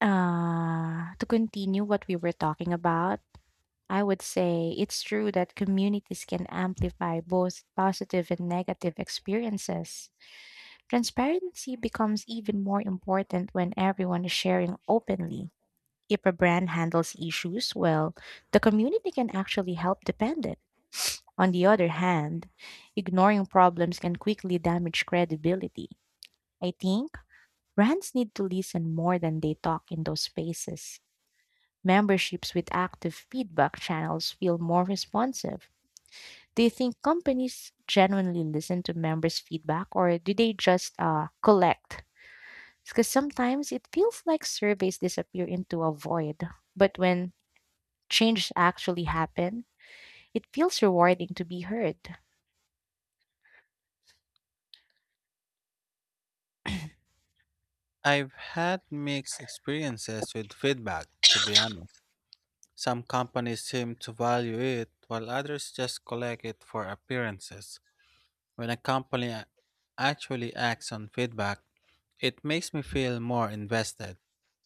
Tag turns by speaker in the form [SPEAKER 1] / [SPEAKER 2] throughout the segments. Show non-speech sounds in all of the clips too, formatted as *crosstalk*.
[SPEAKER 1] To continue what we were talking about, I would say it's true that communities can amplify both positive and negative experiences. Transparency becomes even more important when everyone is sharing openly. If a brand handles issues well, the community can actually help defend it. *sniffs* On the other hand, ignoring problems can quickly damage credibility. I think brands need to listen more than they talk in those spaces. Memberships with active feedback channels feel more responsive. Do you think companies genuinely listen to members' feedback or do they just collect? Because sometimes it feels like surveys disappear into a void. But when changes actually happen, it feels rewarding to be heard.
[SPEAKER 2] I've had mixed experiences with feedback, to be honest. Some companies seem to value it, while others just collect it for appearances. When a actually acts on feedback, it makes me feel more invested.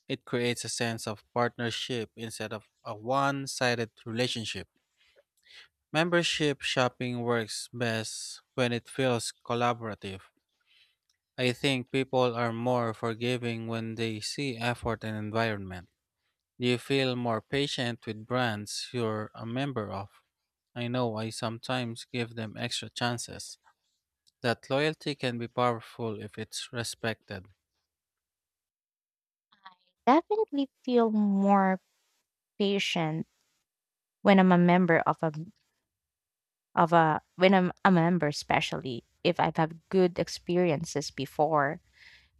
[SPEAKER 2] It creates a sense of partnership instead of a one sided relationship. Membership shopping works best when it feels collaborative. I think people are more forgiving when they see effort and environment. Do you feel more patient with brands you're a member of? I know I sometimes give them extra chances. That loyalty can be powerful if it's respected.
[SPEAKER 1] Definitely feel more patient when I'm a member of a when I'm a member, especially if I've had good experiences before.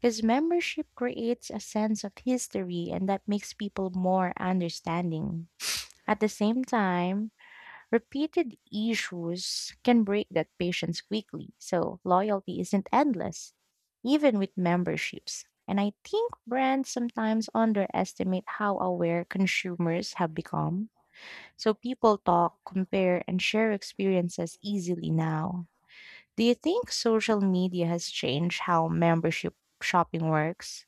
[SPEAKER 1] Because membership creates a sense of history and that makes people more understanding. At the same time, repeated issues can break that patience quickly, so loyalty isn't endless, even with memberships. And I think brands sometimes underestimate how aware consumers have become. So people talk, compare, and share experiences easily now. Do you think social media has changed how membership shopping works?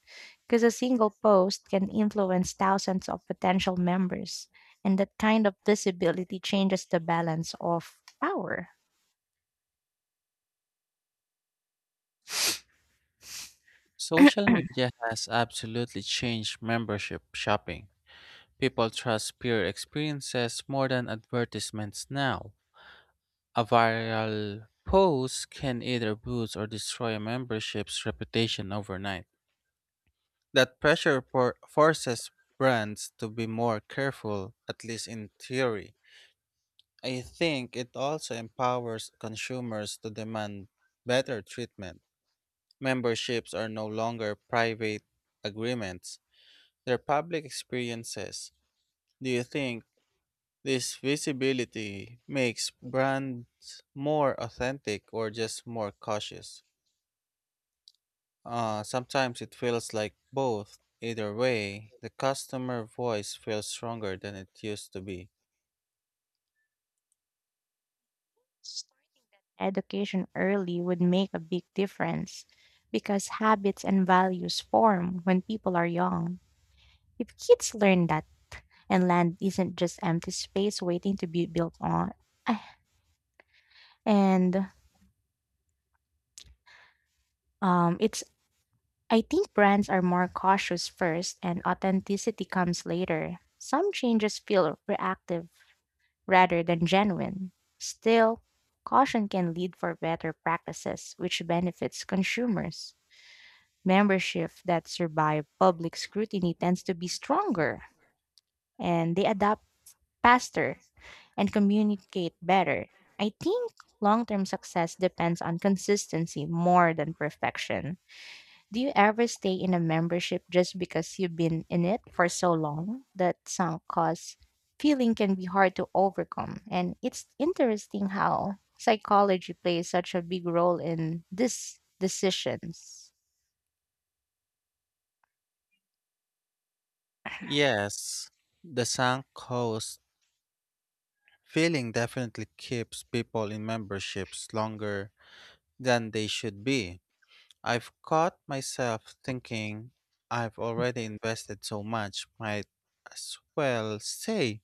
[SPEAKER 1] Because a single post can influence thousands of potential members, and that kind of visibility changes the balance of power.
[SPEAKER 2] Social media has absolutely changed membership shopping. People trust peer experiences more than advertisements now. A viral post can either boost or destroy a membership's reputation overnight. That forces brands to be more careful, at least in theory. I think it also empowers consumers to demand better treatment. Memberships are no longer private agreements, they're public experiences. Do you think this visibility makes brands more authentic or just more cautious? Sometimes it feels like both. Either way, the customer voice feels stronger than it used to be.
[SPEAKER 1] Education early would make a big difference because habits and values form when people are young. If kids learn that, and land isn't just empty space waiting to be built on, I- and it's I think brands are more cautious first and authenticity comes later. Some changes feel reactive rather than genuine. Still, caution can lead for better practices, which benefits consumers. Membership that survive public scrutiny tends to be stronger and they adapt faster and communicate better. I think long term success depends on consistency more than perfection. Do you ever stay in a membership just because you've been in it for so long? That sunk cost feeling can be hard to overcome. And it's interesting how psychology plays such a big role in these decisions.
[SPEAKER 2] Yes, the sunk cost feeling definitely keeps people in memberships longer than they should be. I've caught myself thinking I've already invested so much, might as well stay.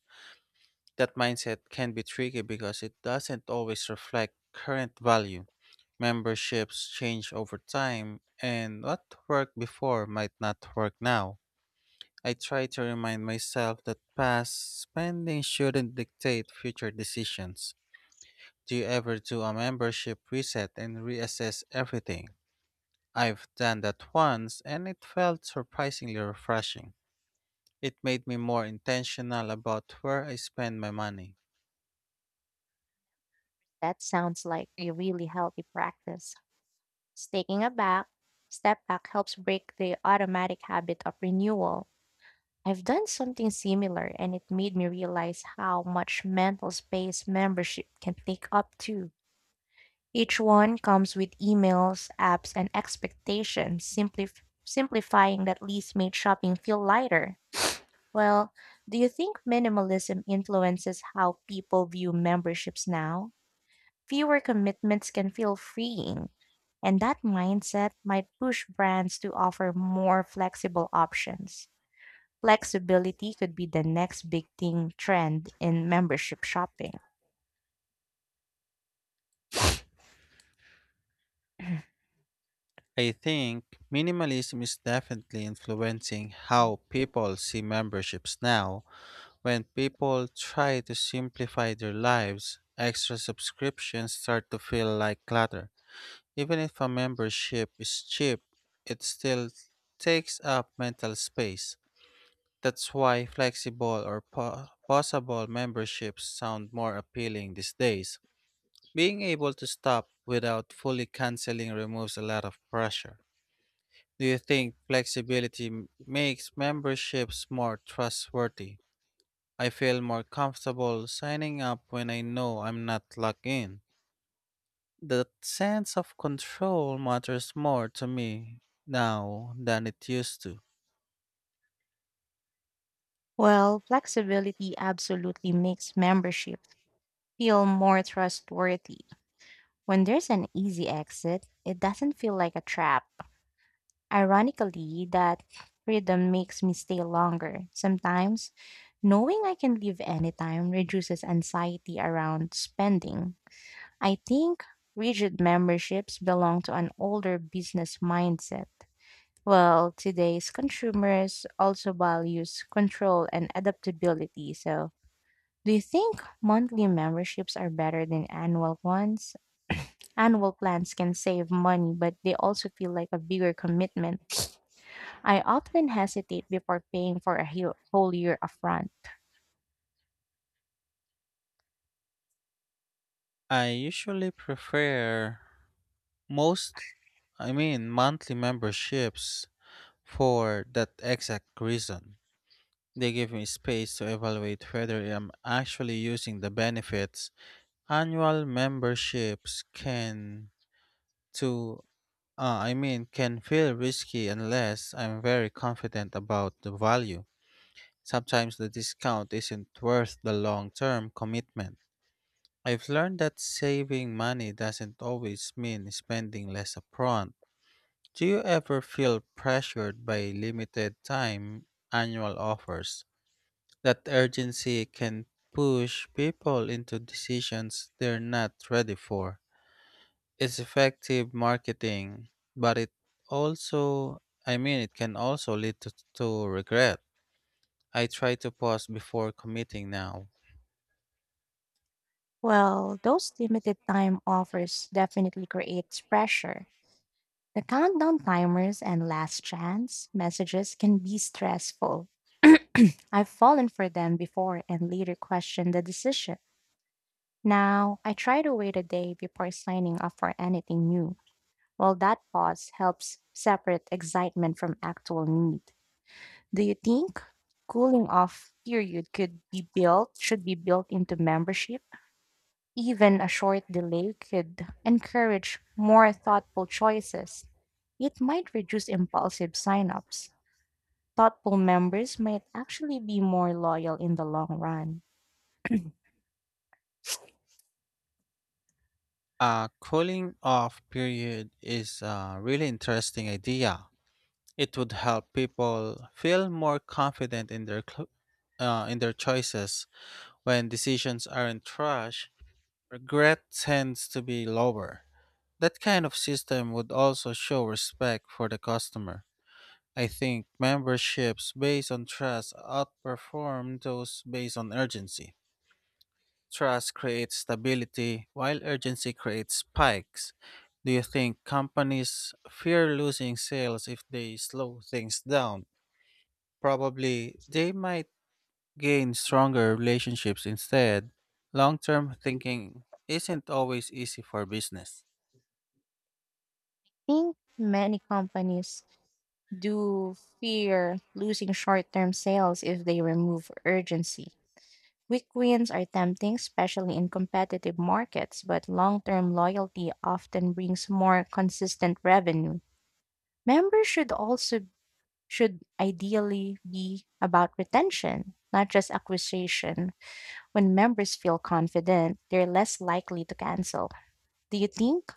[SPEAKER 2] That mindset can be tricky because it doesn't always reflect current value. Memberships change over time, and what worked before might not work now. I try to remind myself that past spending shouldn't dictate future decisions. Do you ever do a membership reset and reassess everything? I've done that once, and it felt surprisingly refreshing. It made me more intentional about where I spend my money.
[SPEAKER 1] That sounds like a really healthy practice. Taking a back step back helps break the automatic habit of renewal. I've done something similar and it made me realize how much mental space membership can take up too. Each one comes with emails, apps, and expectations, simplifying that least made shopping feel lighter. Well, do you think minimalism influences how people view memberships now? Fewer commitments can feel freeing, and that mindset might push brands to offer more flexible options. Flexibility could be the next big thing trend in membership shopping.
[SPEAKER 2] I think minimalism is definitely influencing how people see memberships now. When people try to simplify their lives, extra subscriptions start to feel like clutter. Even if a membership is cheap, it still takes up mental space. That's why flexible or possible memberships sound more appealing these days. Being able to stop without fully canceling removes a lot of pressure. Do you think flexibility makes memberships more trustworthy? I feel more comfortable signing up when I know I'm not locked in. That sense of control matters more to me now than it used to.
[SPEAKER 1] Well, flexibility absolutely makes membership feel more trustworthy. When there's an easy exit, it doesn't feel like a trap. Ironically, that freedom makes me stay longer. Sometimes, knowing I can leave anytime reduces anxiety around spending. I think rigid memberships belong to an older business mindset. Well, today's consumers also values control and adaptability, so do you think monthly memberships are better than annual ones? Annual plans can save money, but they also feel like a bigger commitment. *sniffs* I often hesitate before paying for a whole year upfront.
[SPEAKER 2] I usually prefer most, monthly memberships for that exact reason. They give me space to evaluate whether I'm actually using the benefits. Annual memberships to can feel risky unless I'm very confident about the value. Sometimes the discount isn't worth the long-term commitment. I've learned that saving money doesn't always mean spending less upfront. Do you ever feel pressured by limited time annual offers? That urgency can push people into decisions they're not ready for. It's effective marketing, but it it can also lead to regret. I try to pause before committing now.
[SPEAKER 1] Well, those limited time offers definitely creates pressure. The countdown timers and last chance messages can be stressful. I've fallen for them before and later questioned the decision. Now, I try to wait a day before signing up for anything new. Well, that pause helps separate excitement from actual need. Do you think cooling off period could be built should be built into membership? Even a short delay could encourage more thoughtful choices. It might reduce impulsive signups. Thoughtful members might actually be more loyal in the long run.
[SPEAKER 2] A cooling off period is a really interesting idea. It would help people feel more confident in in their choices. When decisions aren't rushed, regret tends to be lower. That kind of system would also show respect for the customer. I think memberships based on trust outperform those based on urgency. Trust creates stability, while urgency creates spikes. Do you think companies fear losing sales if they slow things down? Probably they might gain stronger relationships instead. Long term thinking isn't always easy for business.
[SPEAKER 1] I think many companies do fear losing short-term sales if they remove urgency. Quick wins are tempting, especially in competitive markets, but long term loyalty often brings more consistent revenue. Members should also Should ideally be about retention, not just acquisition. When members feel confident, they're less likely to cancel. Do you think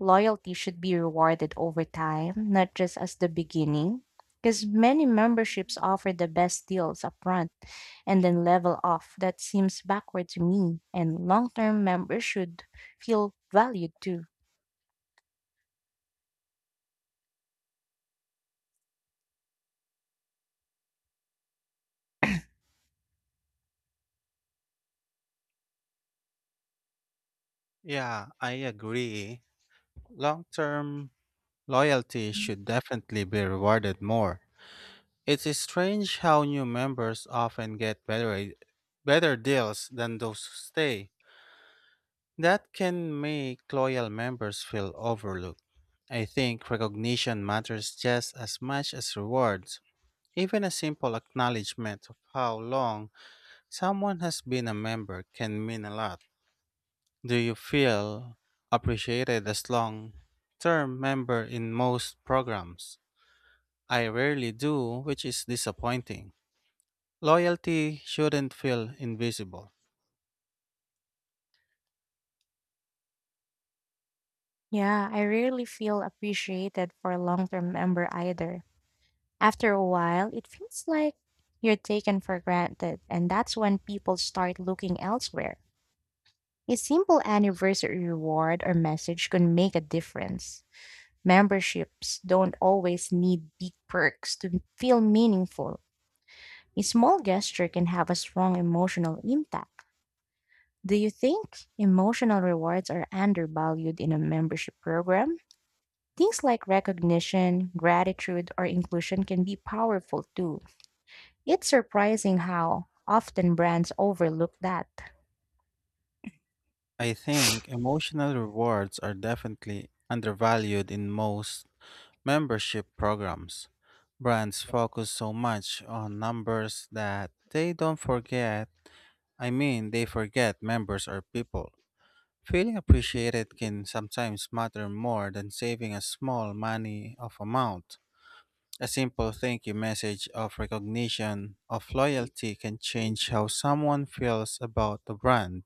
[SPEAKER 1] loyalty should be rewarded over time, not just as the beginning? Because many memberships offer the best deals upfront and then level off. That seems backward to me, and long term members should feel valued too.
[SPEAKER 2] Yeah, I agree. Long term loyalty should definitely be rewarded more. It's strange how new members often get better deals than those who stay. That can make loyal members feel overlooked. I think recognition matters just as much as rewards. Even a simple acknowledgement of how long someone has been a member can mean a lot. Do you feel appreciated as long term member in most programs? I rarely do, which is disappointing. Loyalty shouldn't feel invisible.
[SPEAKER 1] Yeah, I rarely feel appreciated for a long term member either. After a while, it feels like you're taken for granted, and that's when people start looking elsewhere. A simple anniversary reward or message can make a difference. Memberships don't always need big perks to feel meaningful. A small gesture can have a strong emotional impact. Do you think emotional rewards are undervalued in a membership program? Things like recognition, gratitude, or inclusion can be powerful too. It's surprising how often brands overlook that.
[SPEAKER 2] I think emotional rewards are definitely undervalued in most membership programs. Brands focus so much on numbers that they don't forget, I mean, they forget members are people. Feeling appreciated can sometimes matter more than saving a small money of amount. A simple thank you message of recognition of loyalty can change how someone feels about the brand.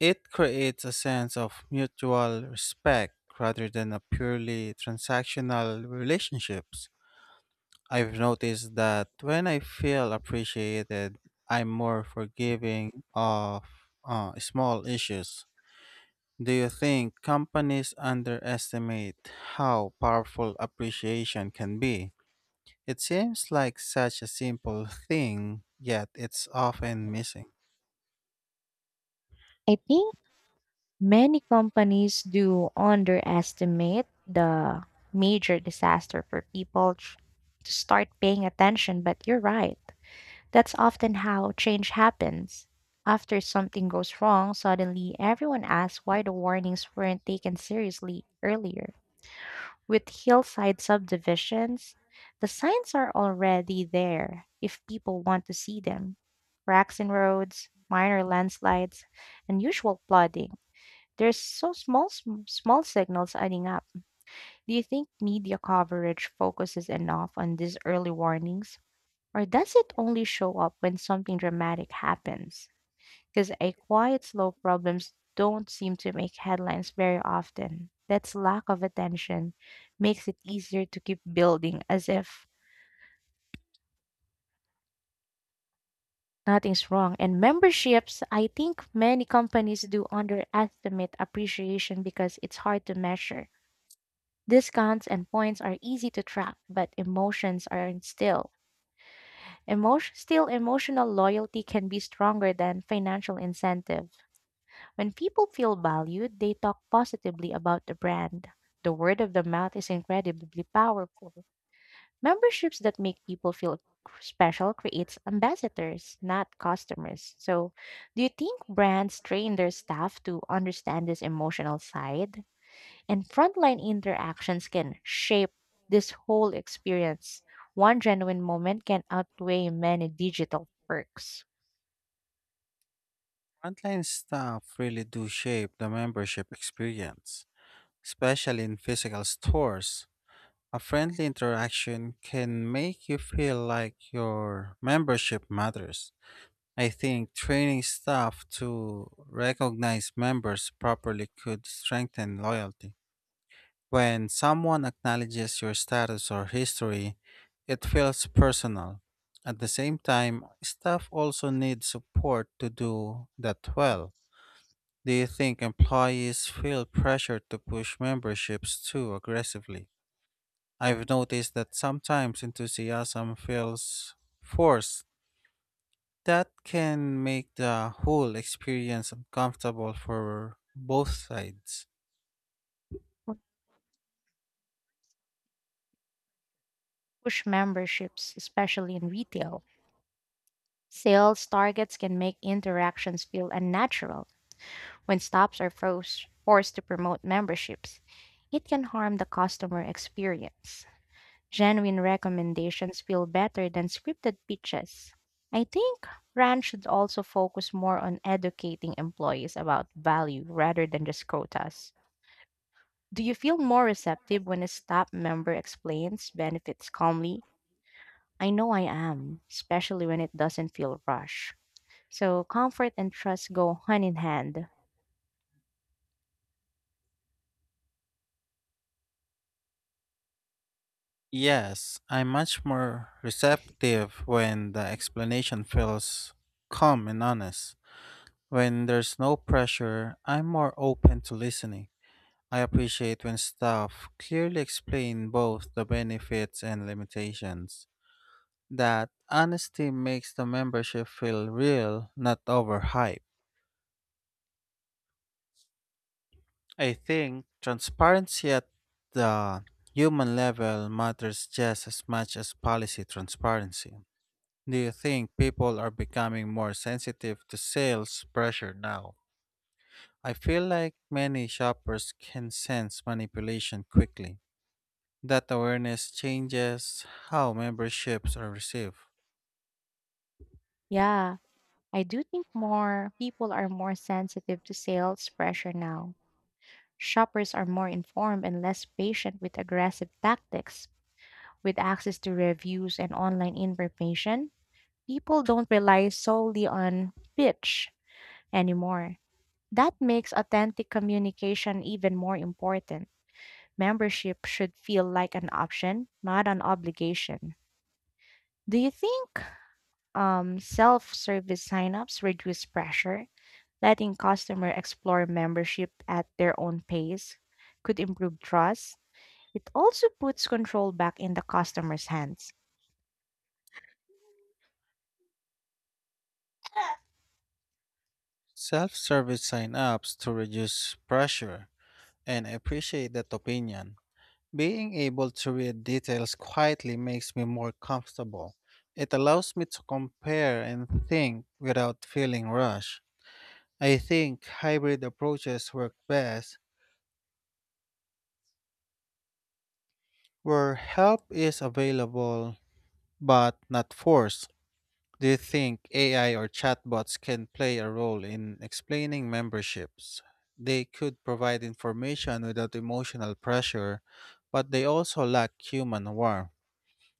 [SPEAKER 2] It creates a sense of mutual respect rather than a purely transactional relationships. I've noticed that when I feel appreciated, I'm more forgiving of small issues. Do you think companies underestimate how powerful appreciation can be? It seems like such a simple thing, yet it's often missing.
[SPEAKER 1] I think many companies do underestimate the major disaster for to start paying attention, but you're right. That's often how change happens. After something goes wrong, suddenly everyone asks why the warnings weren't taken seriously earlier. With hillside subdivisions, the signs are already there if people want to see them. Cracks in roads, minor landslides, unusual flooding. There's so small signals adding up. Do you think media coverage focuses enough on these early warnings? Or does it only show up when something dramatic happens? Because a quiet, slow problems don't seem to make headlines very often. That's lack of attention makes it easier to keep building as if nothing's wrong. And memberships, I think many companies do underestimate appreciation because it's hard to measure. Discounts and points are easy to track, but emotions aren't still. Emotional loyalty can be stronger than financial incentive. When people feel valued, they talk positively about the brand. The word of the mouth is incredibly powerful. Memberships that make people feel special creates ambassadors, not customers. So, do you think brands train their staff to understand this emotional side? And frontline interactions can shape this whole experience. One genuine moment can outweigh many digital perks.
[SPEAKER 2] Frontline staff really do shape the membership experience, especially in physical stores. A friendly interaction can make you feel like your membership matters. I think training staff to recognize members properly could strengthen loyalty. When someone acknowledges your status or history, it feels personal. At the same time, staff also need support to do that well. Do you think employees feel pressure to push memberships too aggressively? I've noticed that sometimes enthusiasm feels forced. That can make the whole experience uncomfortable for both sides.
[SPEAKER 1] Push memberships, especially in retail. Sales targets can make interactions feel unnatural when stops are forced to promote memberships. It can harm the customer experience. Genuine recommendations feel better than scripted pitches. I think brands should also focus more on educating employees about value rather than just quotas. Do you feel more receptive when a staff member explains benefits calmly? I know I am, especially when it doesn't feel rushed. So comfort and trust go hand in hand.
[SPEAKER 2] Yes, I'm much more receptive when the explanation feels calm and honest. When there's no pressure, I'm more open to listening. I appreciate when staff clearly explain both the benefits and limitations. That honesty makes the membership feel real, not overhyped. I think transparency at the human level matters just as much as policy transparency. Do you think people are becoming more sensitive to sales pressure now? I feel like many shoppers can sense manipulation quickly. That awareness changes how memberships are received.
[SPEAKER 1] Yeah, I do think more people are more sensitive to sales pressure now. Shoppers are more informed and less patient with aggressive tactics. With access to reviews and online information, people don't rely solely on pitch anymore. That makes authentic communication even more important. Membership should feel like an option, not an obligation. Do you think self-service signups reduce pressure, letting customer explore membership at their own pace could improve trust. It also puts control back in the customer's hands.
[SPEAKER 2] Self service sign ups to reduce pressure, and I appreciate that opinion. Being able to read details quietly makes me more comfortable. It allows me to compare and think without feeling rushed. I think hybrid approaches work best where help is available but not forced. Do you think AI or chatbots can play a role in explaining memberships? They could provide information without emotional pressure, but they also lack human warmth.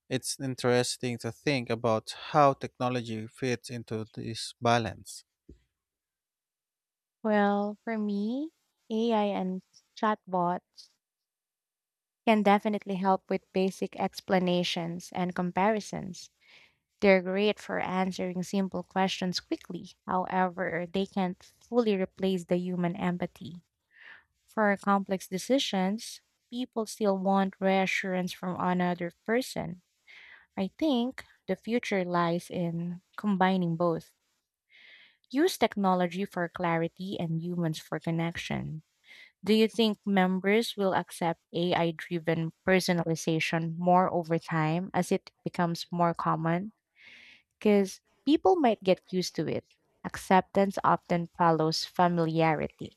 [SPEAKER 2] It's interesting to think about how technology fits into this balance.
[SPEAKER 1] Well, for me, AI and chatbots can definitely help with basic explanations and comparisons. They're great for answering simple questions quickly. However, they can't fully replace the human empathy. For complex decisions, people still want reassurance from another person. I think the future lies in combining both. Use technology for clarity and humans for connection. Do you think members will accept AI driven personalization more over time as it becomes more common? Because people might get used to it. Acceptance often follows familiarity.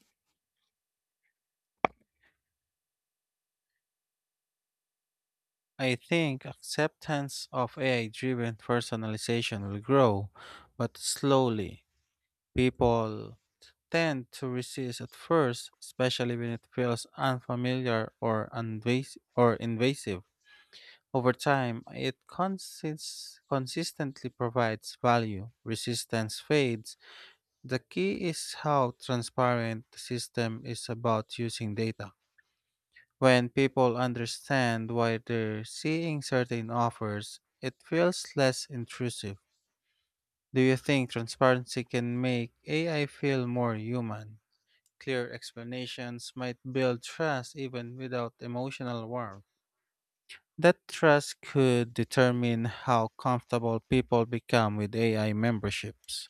[SPEAKER 2] I think acceptance of AI driven personalization will grow, but slowly. People tend to resist at first, especially when it feels unfamiliar or invasive. Over time, it consistently provides value, resistance fades. The key is how transparent the system is about using data. When people understand why they're seeing certain offers, it feels less intrusive. Do you think transparency can make AI feel more human? Clear explanations might build trust even without emotional warmth. That trust could determine how comfortable people become with AI memberships.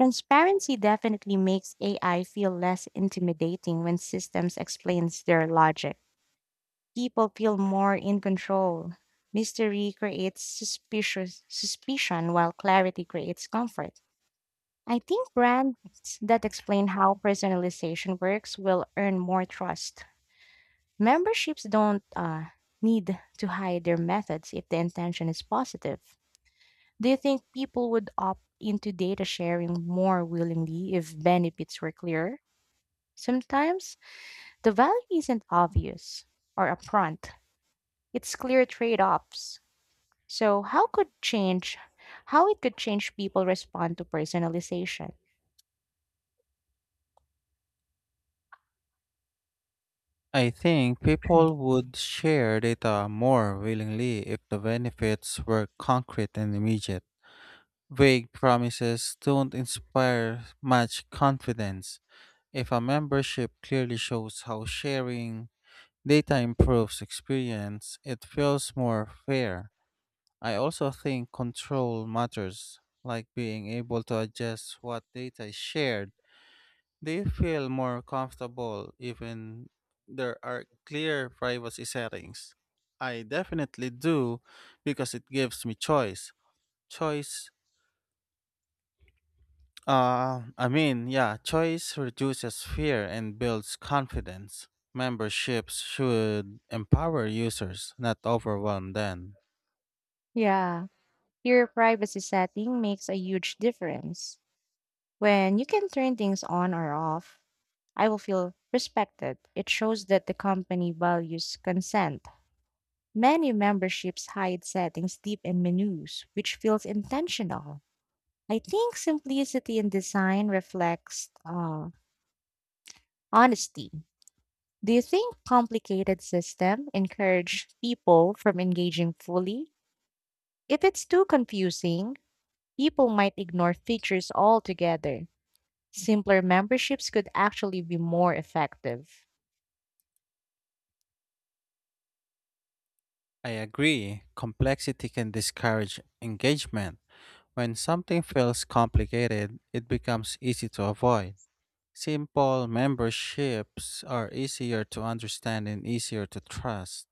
[SPEAKER 1] Transparency definitely makes AI feel less intimidating when systems explains their logic. People feel more in control. Mystery creates suspicious suspicion while clarity creates comfort. I think brands that explain how personalization works will earn more trust. Memberships don't need to hide their methods if the intention is positive. Do you think people would opt into data sharing more willingly if benefits were clear? Sometimes the value isn't obvious or upfront. It's clear trade-offs. So how could change how it could change people respond to personalization?
[SPEAKER 2] I think people would share data more willingly if the benefits were concrete and immediate. Vague promises don't inspire much confidence. If a membership clearly shows how sharing data improves experience, it feels more fair. I also think control matters, like being able to adjust what data is shared. They feel more comfortable even there are clear privacy settings. I definitely do because it gives me choice. Choice choice reduces fear and builds confidence. Memberships should empower users, not overwhelm them.
[SPEAKER 1] Yeah, your privacy setting makes a huge difference. When you can turn things on or off, I will feel respected. It shows that the company values consent. Many memberships hide settings deep in menus, which feels intentional. I think simplicity in design reflects honesty. Do you think complicated system encourage people from engaging fully? If it's too confusing, people might ignore features altogether. Simpler memberships could actually be more effective.
[SPEAKER 2] I agree, complexity can discourage engagement. When something feels complicated, it becomes easy to avoid. Simple memberships are easier to understand and easier to trust.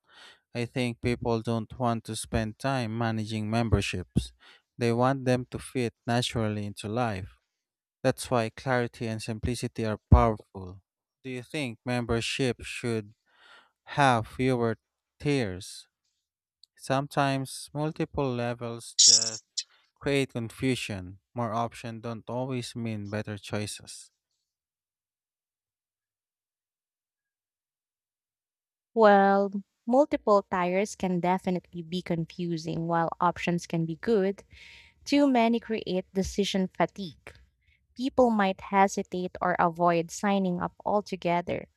[SPEAKER 2] I think people don't want to spend time managing memberships. They want them to fit naturally into life. That's why clarity and simplicity are powerful. Do you think memberships should have fewer tiers? Sometimes multiple levels just create confusion. More options don't always mean better choices.
[SPEAKER 1] Well, multiple tires can definitely be confusing while options can be good. Too many create decision fatigue. People might hesitate or avoid signing up altogether.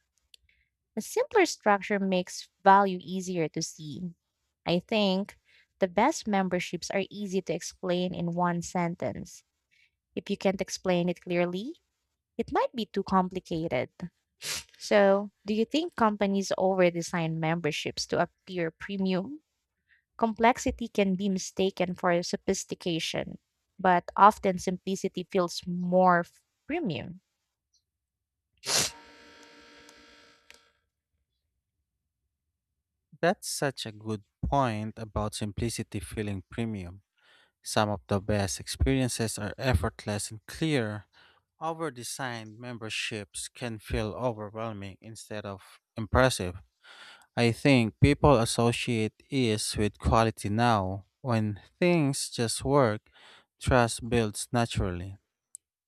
[SPEAKER 1] A simpler structure makes value easier to see. I think the best memberships are easy to explain in one sentence. If you can't explain it clearly, it might be too complicated. So, do you think companies overdesign memberships to appear premium? Complexity can be mistaken for sophistication, but often simplicity feels premium.
[SPEAKER 2] That's such a good point about simplicity feeling premium. Some of the best experiences are effortless and clear. Overdesigned memberships can feel overwhelming instead of impressive. I think people associate ease with quality now. When things just work, trust builds naturally.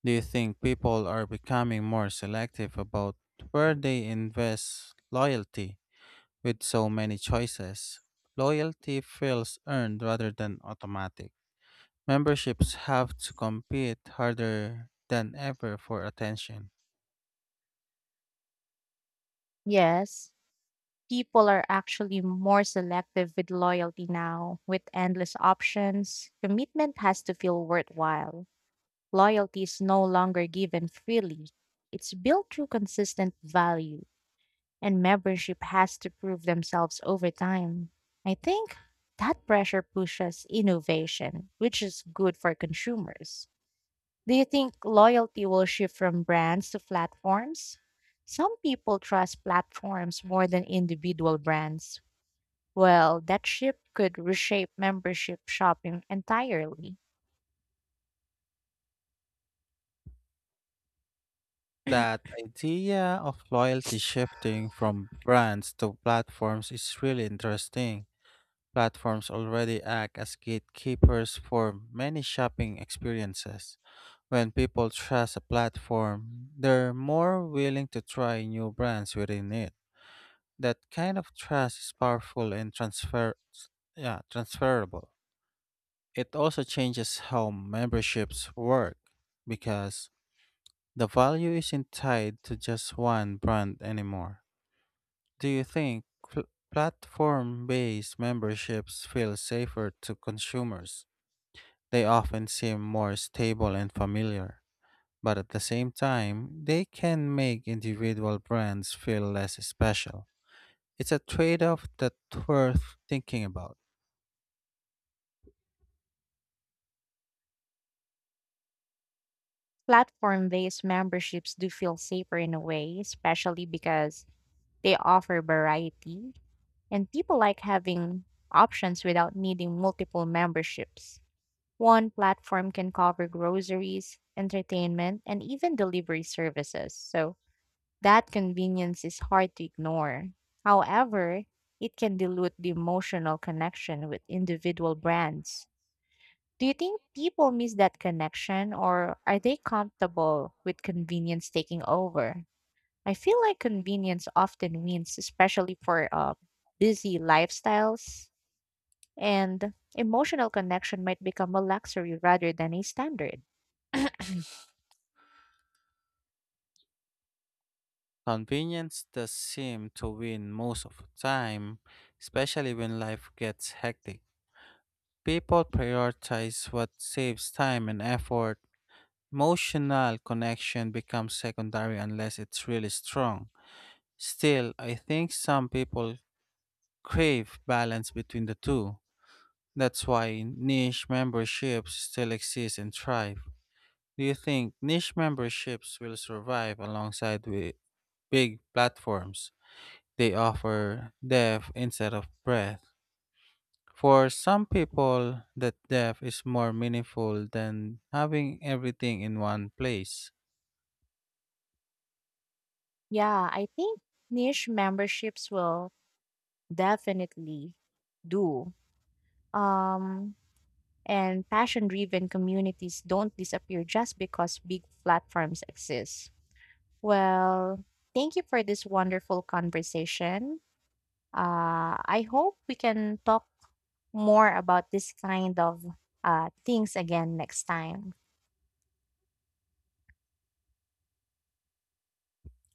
[SPEAKER 2] Do you think people are becoming more selective about where they invest loyalty? With so many choices, loyalty feels earned rather than automatic. Memberships have to compete harder than ever for attention.
[SPEAKER 1] Yes, people are actually more selective with loyalty now. With endless options, commitment has to feel worthwhile. Loyalty is no longer given freely, it's built through consistent value, and membership has to prove themselves over time. I think that pressure pushes innovation, which is good for consumers. Do you think loyalty will shift from brands to platforms? Some people trust platforms more than individual brands. Well, that shift could reshape membership shopping entirely.
[SPEAKER 2] That idea of loyalty shifting from brands to platforms is really interesting. Platforms already act as gatekeepers for many shopping experiences. When people trust a platform, they're more willing to try new brands within it. That kind of trust is powerful and transferable. It also changes how memberships work because the value isn't tied to just one brand anymore. Do you think platform-based memberships feel safer to consumers? They often seem more stable and familiar, but at the same time, they can make individual brands feel less special. It's a trade off that's worth thinking about.
[SPEAKER 1] Platform based memberships do feel safer in a way, especially because they offer variety, and people like having options without needing multiple memberships. One platform can cover groceries, entertainment, and even delivery services, so that convenience is hard to ignore. However, it can dilute the emotional connection with individual brands. Do you think people miss that connection or are they comfortable with convenience taking over? I feel like convenience often wins, especially for busy lifestyles, and emotional connection might become a luxury rather than a standard.
[SPEAKER 2] Convenience does seem to win most of the time, especially when life gets hectic. People prioritize what saves time and effort. Emotional connection becomes secondary unless it's really strong. Still, I think some people crave balance between the two. That's why niche memberships still exist and thrive. Do you think niche memberships will survive alongside with big platforms? They offer depth instead of breadth. For some people, that depth is more meaningful than having everything in one place.
[SPEAKER 1] Yeah, I think niche memberships will definitely do. Um, and passion driven communities don't disappear just because big platforms exist. Well, thank you for this wonderful conversation. I hope we can talk more about this kind of things again next time.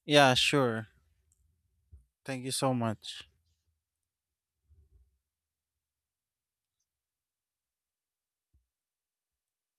[SPEAKER 2] Yeah, sure. Thank you so much.